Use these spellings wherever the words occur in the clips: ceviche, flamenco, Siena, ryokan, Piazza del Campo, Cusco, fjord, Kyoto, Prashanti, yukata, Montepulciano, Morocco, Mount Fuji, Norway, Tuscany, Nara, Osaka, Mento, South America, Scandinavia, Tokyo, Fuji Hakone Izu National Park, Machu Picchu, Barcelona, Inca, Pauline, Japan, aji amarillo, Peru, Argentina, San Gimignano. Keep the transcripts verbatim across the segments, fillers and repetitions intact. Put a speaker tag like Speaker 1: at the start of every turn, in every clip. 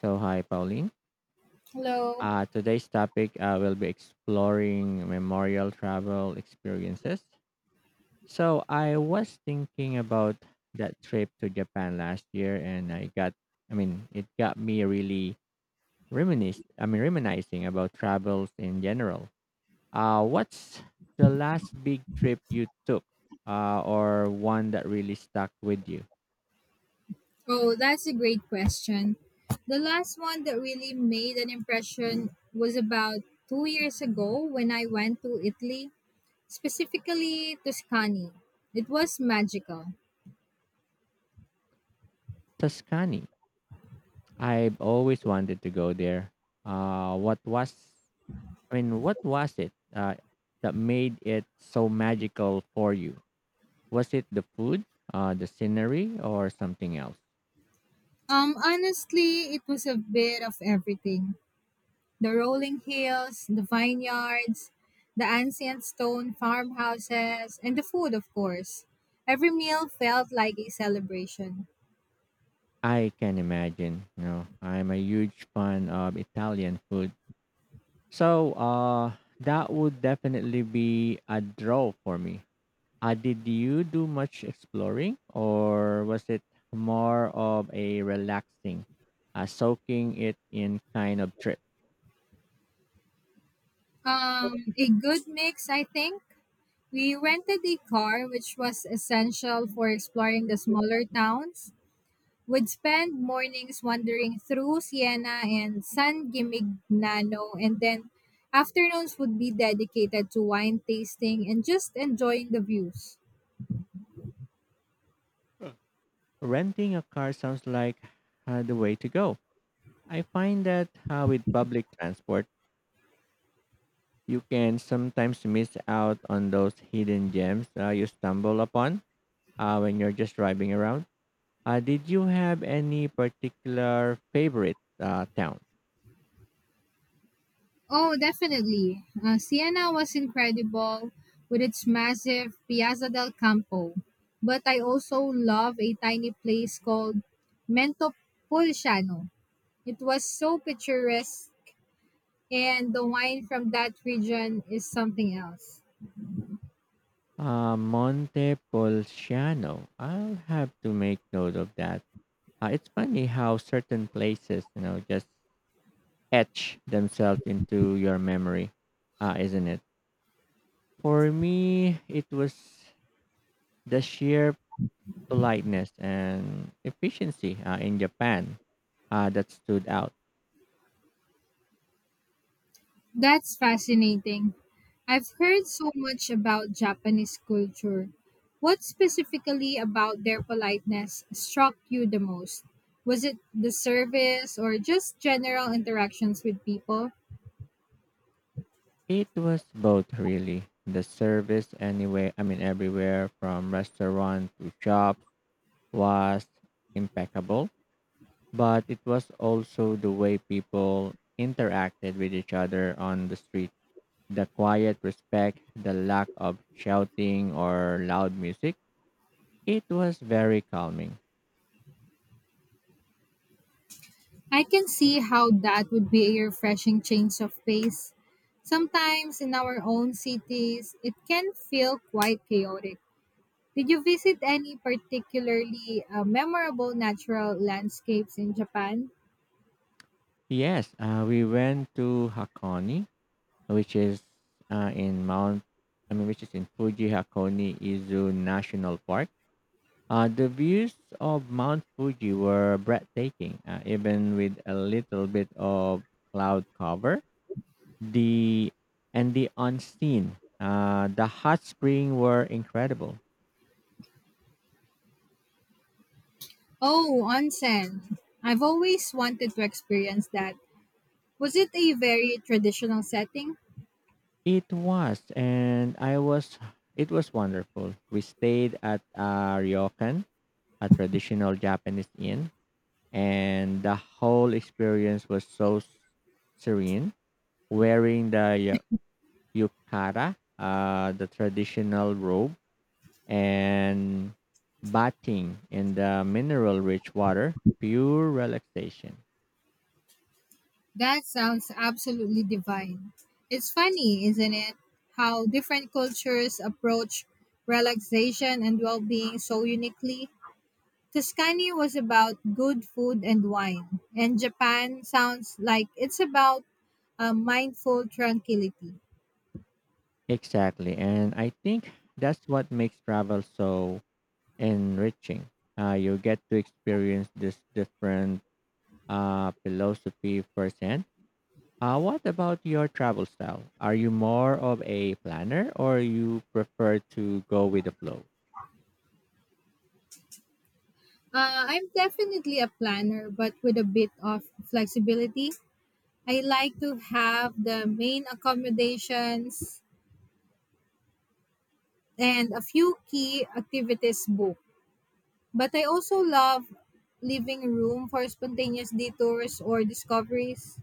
Speaker 1: So, hi, Pauline.
Speaker 2: Hello.
Speaker 1: Uh, today's topic uh, will be exploring memorial travel experiences. So, I was thinking about that trip to Japan last year, and I got, I mean, it got me really reminisce. I mean, reminiscing about travels in general. Uh, what's the last big trip you took, uh, or one that really stuck with you?
Speaker 2: Oh, that's a great question. The last one that really made an impression was about two years ago when I went to Italy, specifically Tuscany. It was magical.
Speaker 1: Tuscany. I've always wanted to go there. Uh, what was I mean, what was it uh, that made it so magical for you? Was it the food, uh, the scenery, or something else?
Speaker 2: Um, honestly, it was a bit of everything: the rolling hills, the vineyards, the ancient stone farmhouses, and the food, of course. Every meal felt like a celebration.
Speaker 1: I can imagine. You know, I'm a huge fan of Italian food, so uh, that would definitely be a draw for me. Uh, did you do much exploring, or was it more of a relaxing, uh, soaking it in kind of trip?
Speaker 2: Um, a good mix, I think. We rented a car, which was essential for exploring the smaller towns. Would spend mornings wandering through Siena and San Gimignano, and then afternoons would be dedicated to wine tasting and just enjoying the views.
Speaker 1: Renting a car sounds like uh, the way to go. I find that uh, with public transport, you can sometimes miss out on those hidden gems uh, you stumble upon uh, when you're just driving around. Uh, did you have any particular favorite uh, town?
Speaker 2: Oh, definitely. Uh, Siena was incredible with its massive Piazza del Campo. But I also love a tiny place called Mento. It was so picturesque, and the wine from that region is something else.
Speaker 1: Uh, Montepulciano. I'll have to make note of that. Uh, it's funny how certain places, you know, just etch themselves into your memory, uh, isn't it? For me, it was the sheer politeness and efficiency uh, in Japan uh, that stood out.
Speaker 2: That's fascinating. I've heard so much about Japanese culture. What specifically about their politeness struck you the most? Was it the service or just general interactions with people?
Speaker 1: It was both really the service anyway. I mean everywhere from restaurant to shops was impeccable, but it was also the way people interacted with each other on the street. The quiet respect, the lack of shouting or loud music. It was very calming.
Speaker 2: I can see how that would be a refreshing change of pace. Sometimes in our own cities, it can feel quite chaotic. Did you visit any particularly uh, memorable natural landscapes in Japan?
Speaker 1: Yes, uh, we went to Hakone which is uh, in Mount, I mean, which is in Fuji Hakone Izu National Park. Uh, the views of Mount Fuji were breathtaking, uh, even with a little bit of cloud cover. The and the unseen, uh, the hot spring were incredible.
Speaker 2: Oh, onsen. I've always wanted to experience that. Was it a very traditional setting?
Speaker 1: It was, and I was, it was wonderful. We stayed at a ryokan, a traditional Japanese inn, and the whole experience was so s- serene. Wearing the ya- yukata, uh, the traditional robe, and bathing in the mineral-rich water, pure relaxation.
Speaker 2: That sounds absolutely divine. It's funny, isn't it, how different cultures approach relaxation and well being so uniquely? Tuscany was about good food and wine, and Japan sounds like it's about a mindful tranquility.
Speaker 1: Exactly, and I think that's what makes travel so enriching. Uh, you get to experience this different uh, philosophy firsthand. Uh, what about your travel style? Are you more of a planner or you prefer to go with the flow?
Speaker 2: Uh, I'm definitely a planner, but with a bit of flexibility. I like to have the main accommodations and a few key activities booked. But I also love leaving room for spontaneous detours or discoveries.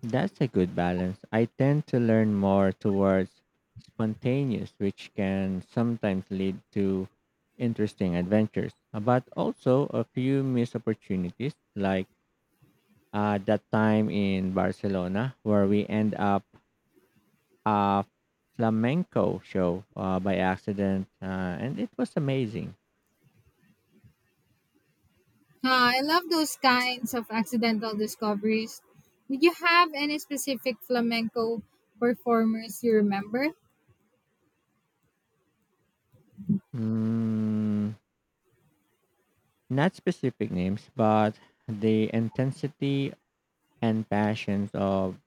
Speaker 1: That's a good balance. I tend to learn more towards spontaneous, which can sometimes lead to interesting adventures, uh, but also a few missed opportunities, like uh, that time in Barcelona where we end up a flamenco show uh, by accident, uh, and it was amazing.
Speaker 2: Uh, I love those kinds of accidental discoveries. Did you have any specific flamenco performers you remember?
Speaker 1: Mm, not specific names, but the intensity and passions of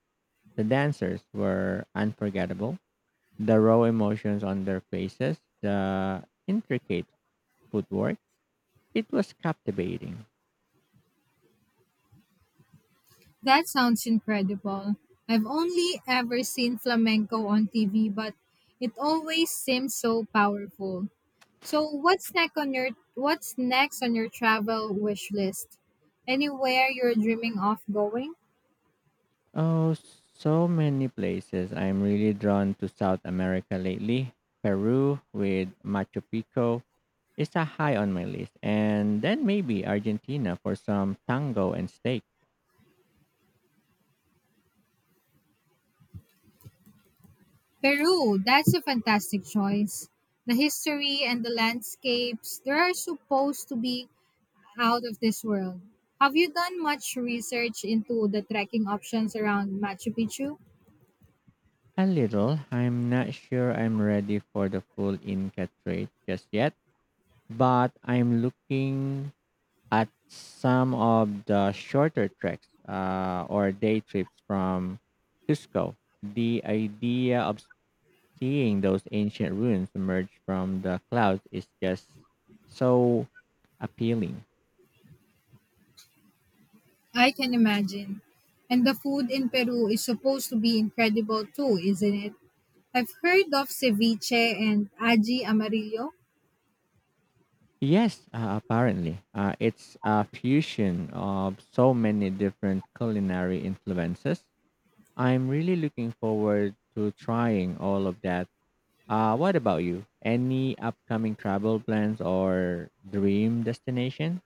Speaker 1: the dancers were unforgettable. The raw emotions on their faces, the intricate footwork, it was captivating.
Speaker 2: That sounds incredible. I've only ever seen flamenco on T V, but it always seems so powerful. So what's next on your what's next on your travel wish list? Anywhere you're dreaming of going?
Speaker 1: Oh, so many places. I'm really drawn to South America lately. Peru with Machu Picchu is a high on my list, and then maybe Argentina for some tango and steak.
Speaker 2: Peru, that's a fantastic choice. The history and the landscapes, they are supposed to be out of this world. Have you done much research into the trekking options around Machu Picchu?
Speaker 1: A little. I'm not sure I'm ready for the full Inca trade just yet, but I'm looking at some of the shorter treks uh, or day trips from Cusco. The idea of seeing those ancient ruins emerge from the clouds is just so appealing.
Speaker 2: I can imagine. And the food in Peru is supposed to be incredible too, isn't it? I've heard of ceviche and aji amarillo.
Speaker 1: Yes, uh, apparently. Uh, it's a fusion of so many different culinary influences. I'm really looking forward to trying all of that. Uh, what about you? Any upcoming travel plans or dream destination?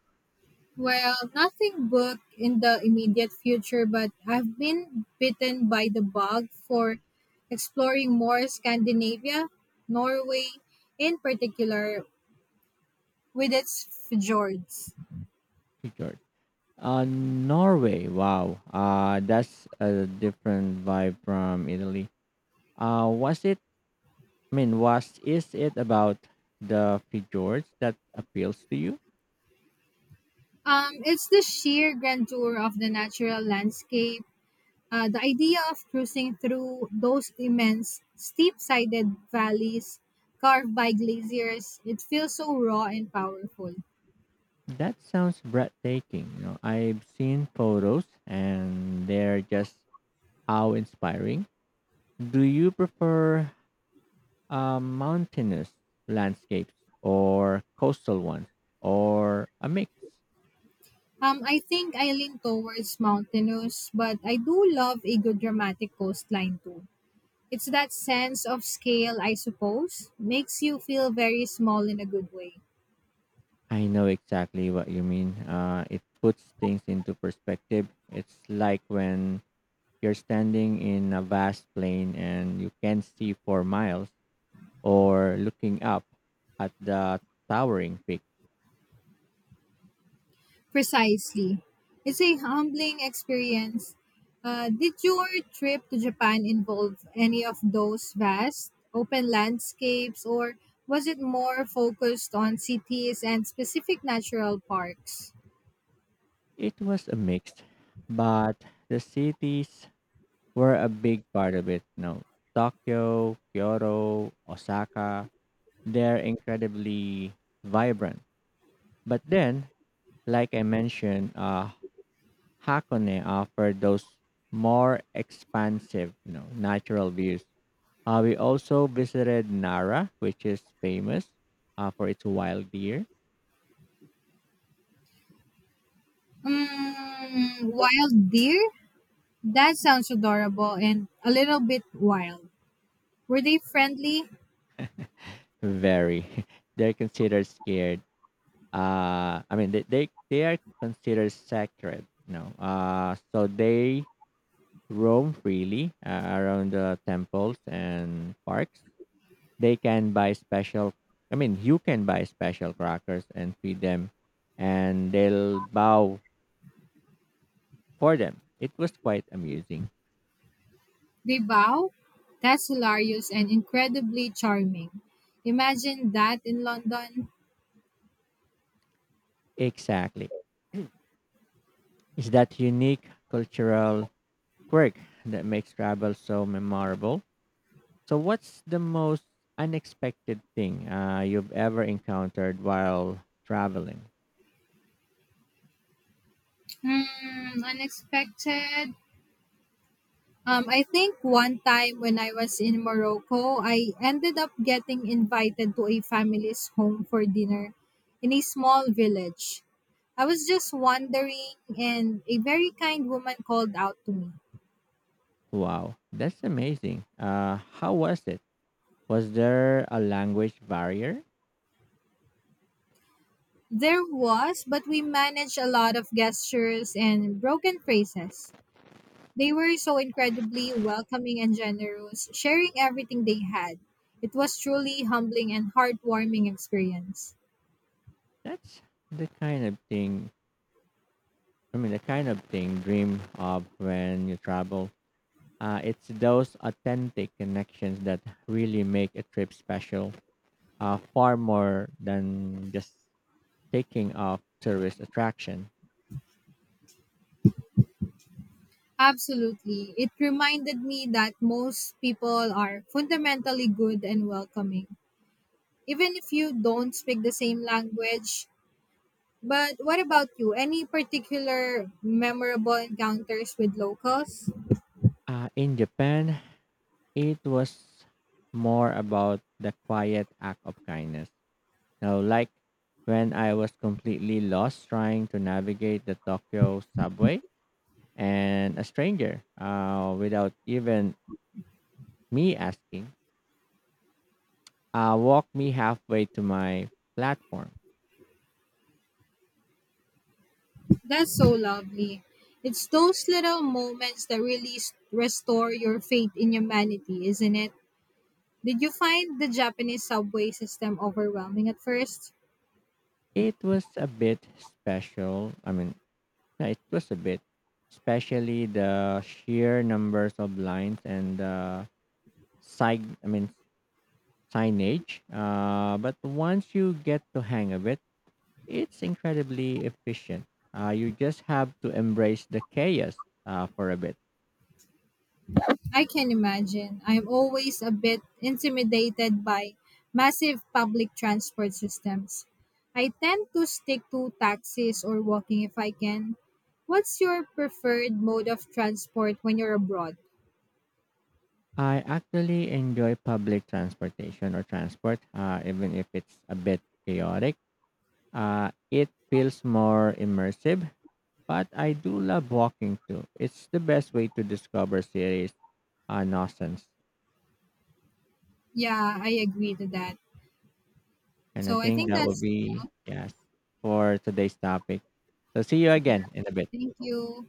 Speaker 2: Well, nothing booked in the immediate future, but I've been bitten by the bug for exploring more Scandinavia, Norway in particular, with its fjords.
Speaker 1: Fjord. Uh, Norway. Wow. Uh, that's a different vibe from Italy. Uh, was it? I mean, was is it about the fjords that appeals to you?
Speaker 2: Um, it's the sheer grandeur of the natural landscape. Uh, the idea of cruising through those immense steep-sided valleys carved by glaciers, it feels so raw and powerful.
Speaker 1: That sounds breathtaking. You know, I've seen photos and they're just how inspiring. Do you prefer uh, mountainous landscapes or coastal ones or a mix?
Speaker 2: Um, I think I lean towards mountainous, but I do love a good dramatic coastline too. It's that sense of scale, I suppose, makes you feel very small in a good way.
Speaker 1: I know exactly what you mean. Uh, it puts things into perspective. It's like when you're standing in a vast plain and you can see for miles or looking up at the towering peak.
Speaker 2: Precisely. It's a humbling experience. Uh, did your trip to Japan involve any of those vast open landscapes, or was it more focused on cities and specific natural parks?
Speaker 1: It was a mix, but the cities were a big part of it. No, Tokyo, Kyoto, Osaka, they're incredibly vibrant. But then, like I mentioned, uh, Hakone offered those more expansive, you know, natural views. Uh, we also visited Nara, which is famous uh, for its wild deer.
Speaker 2: Mm, wild deer? That sounds adorable and a little bit wild. Were they friendly?
Speaker 1: Very, they're considered scarce uh I mean they they, they are considered sacred, you know, uh so they roam freely uh, around the temples and parks. They can buy special i mean you can buy special crackers and feed them, and they'll bow for them. It was quite amusing.
Speaker 2: They bow? That's hilarious and incredibly charming. Imagine that in London.
Speaker 1: Exactly. It's that unique cultural quirk that makes travel so memorable. So, what's the most unexpected thing uh, you've ever encountered while traveling?
Speaker 2: Hmm, unexpected. Um, I think one time when I was in Morocco, I ended up getting invited to a family's home for dinner in a small village. I was just wandering, and a very kind woman called out to me.
Speaker 1: Wow, that's amazing. Uh, how was it? Was there a language barrier?
Speaker 2: There was, but we managed a lot of gestures and broken phrases. They were so incredibly welcoming and generous, sharing everything they had. It was truly humbling and heartwarming experience.
Speaker 1: That's the kind of thing, I mean, the kind of thing dream of when you travel. Uh, it's those authentic connections that really make a trip special, uh, far more than just taking off tourist attraction.
Speaker 2: Absolutely. It reminded me that most people are fundamentally good and welcoming, even if you don't speak the same language. But what about you? Any particular memorable encounters with locals?
Speaker 1: Uh, in Japan, it was more about the quiet act of kindness. Now, like when I was completely lost trying to navigate the Tokyo subway and a stranger, uh, without even me asking, uh, walked me halfway to my platform.
Speaker 2: That's so lovely. It's those little moments that really s- restore your faith in humanity, isn't it? Did you find the Japanese subway system overwhelming at first?
Speaker 1: It was a bit special. I mean, yeah, it was a bit, especially the sheer numbers of lines and the side. I mean, signage. Uh, but once you get the hang of it, it's incredibly efficient. Uh, you just have to embrace the chaos uh, for a bit.
Speaker 2: I can imagine. I'm always a bit intimidated by massive public transport systems. I tend to stick to taxis or walking if I can. What's your preferred mode of transport when you're abroad?
Speaker 1: I actually enjoy public transportation or transport, uh, even if it's a bit chaotic. Uh, it feels more immersive, but I do love walking too. It's the best way to discover cities uh, nonsense.
Speaker 2: Yeah, I agree to that.
Speaker 1: And I
Speaker 2: So I
Speaker 1: think
Speaker 2: think
Speaker 1: that would
Speaker 2: that's
Speaker 1: be,
Speaker 2: all.
Speaker 1: yes, for today's topic. So see you again in a bit.
Speaker 2: Thank you.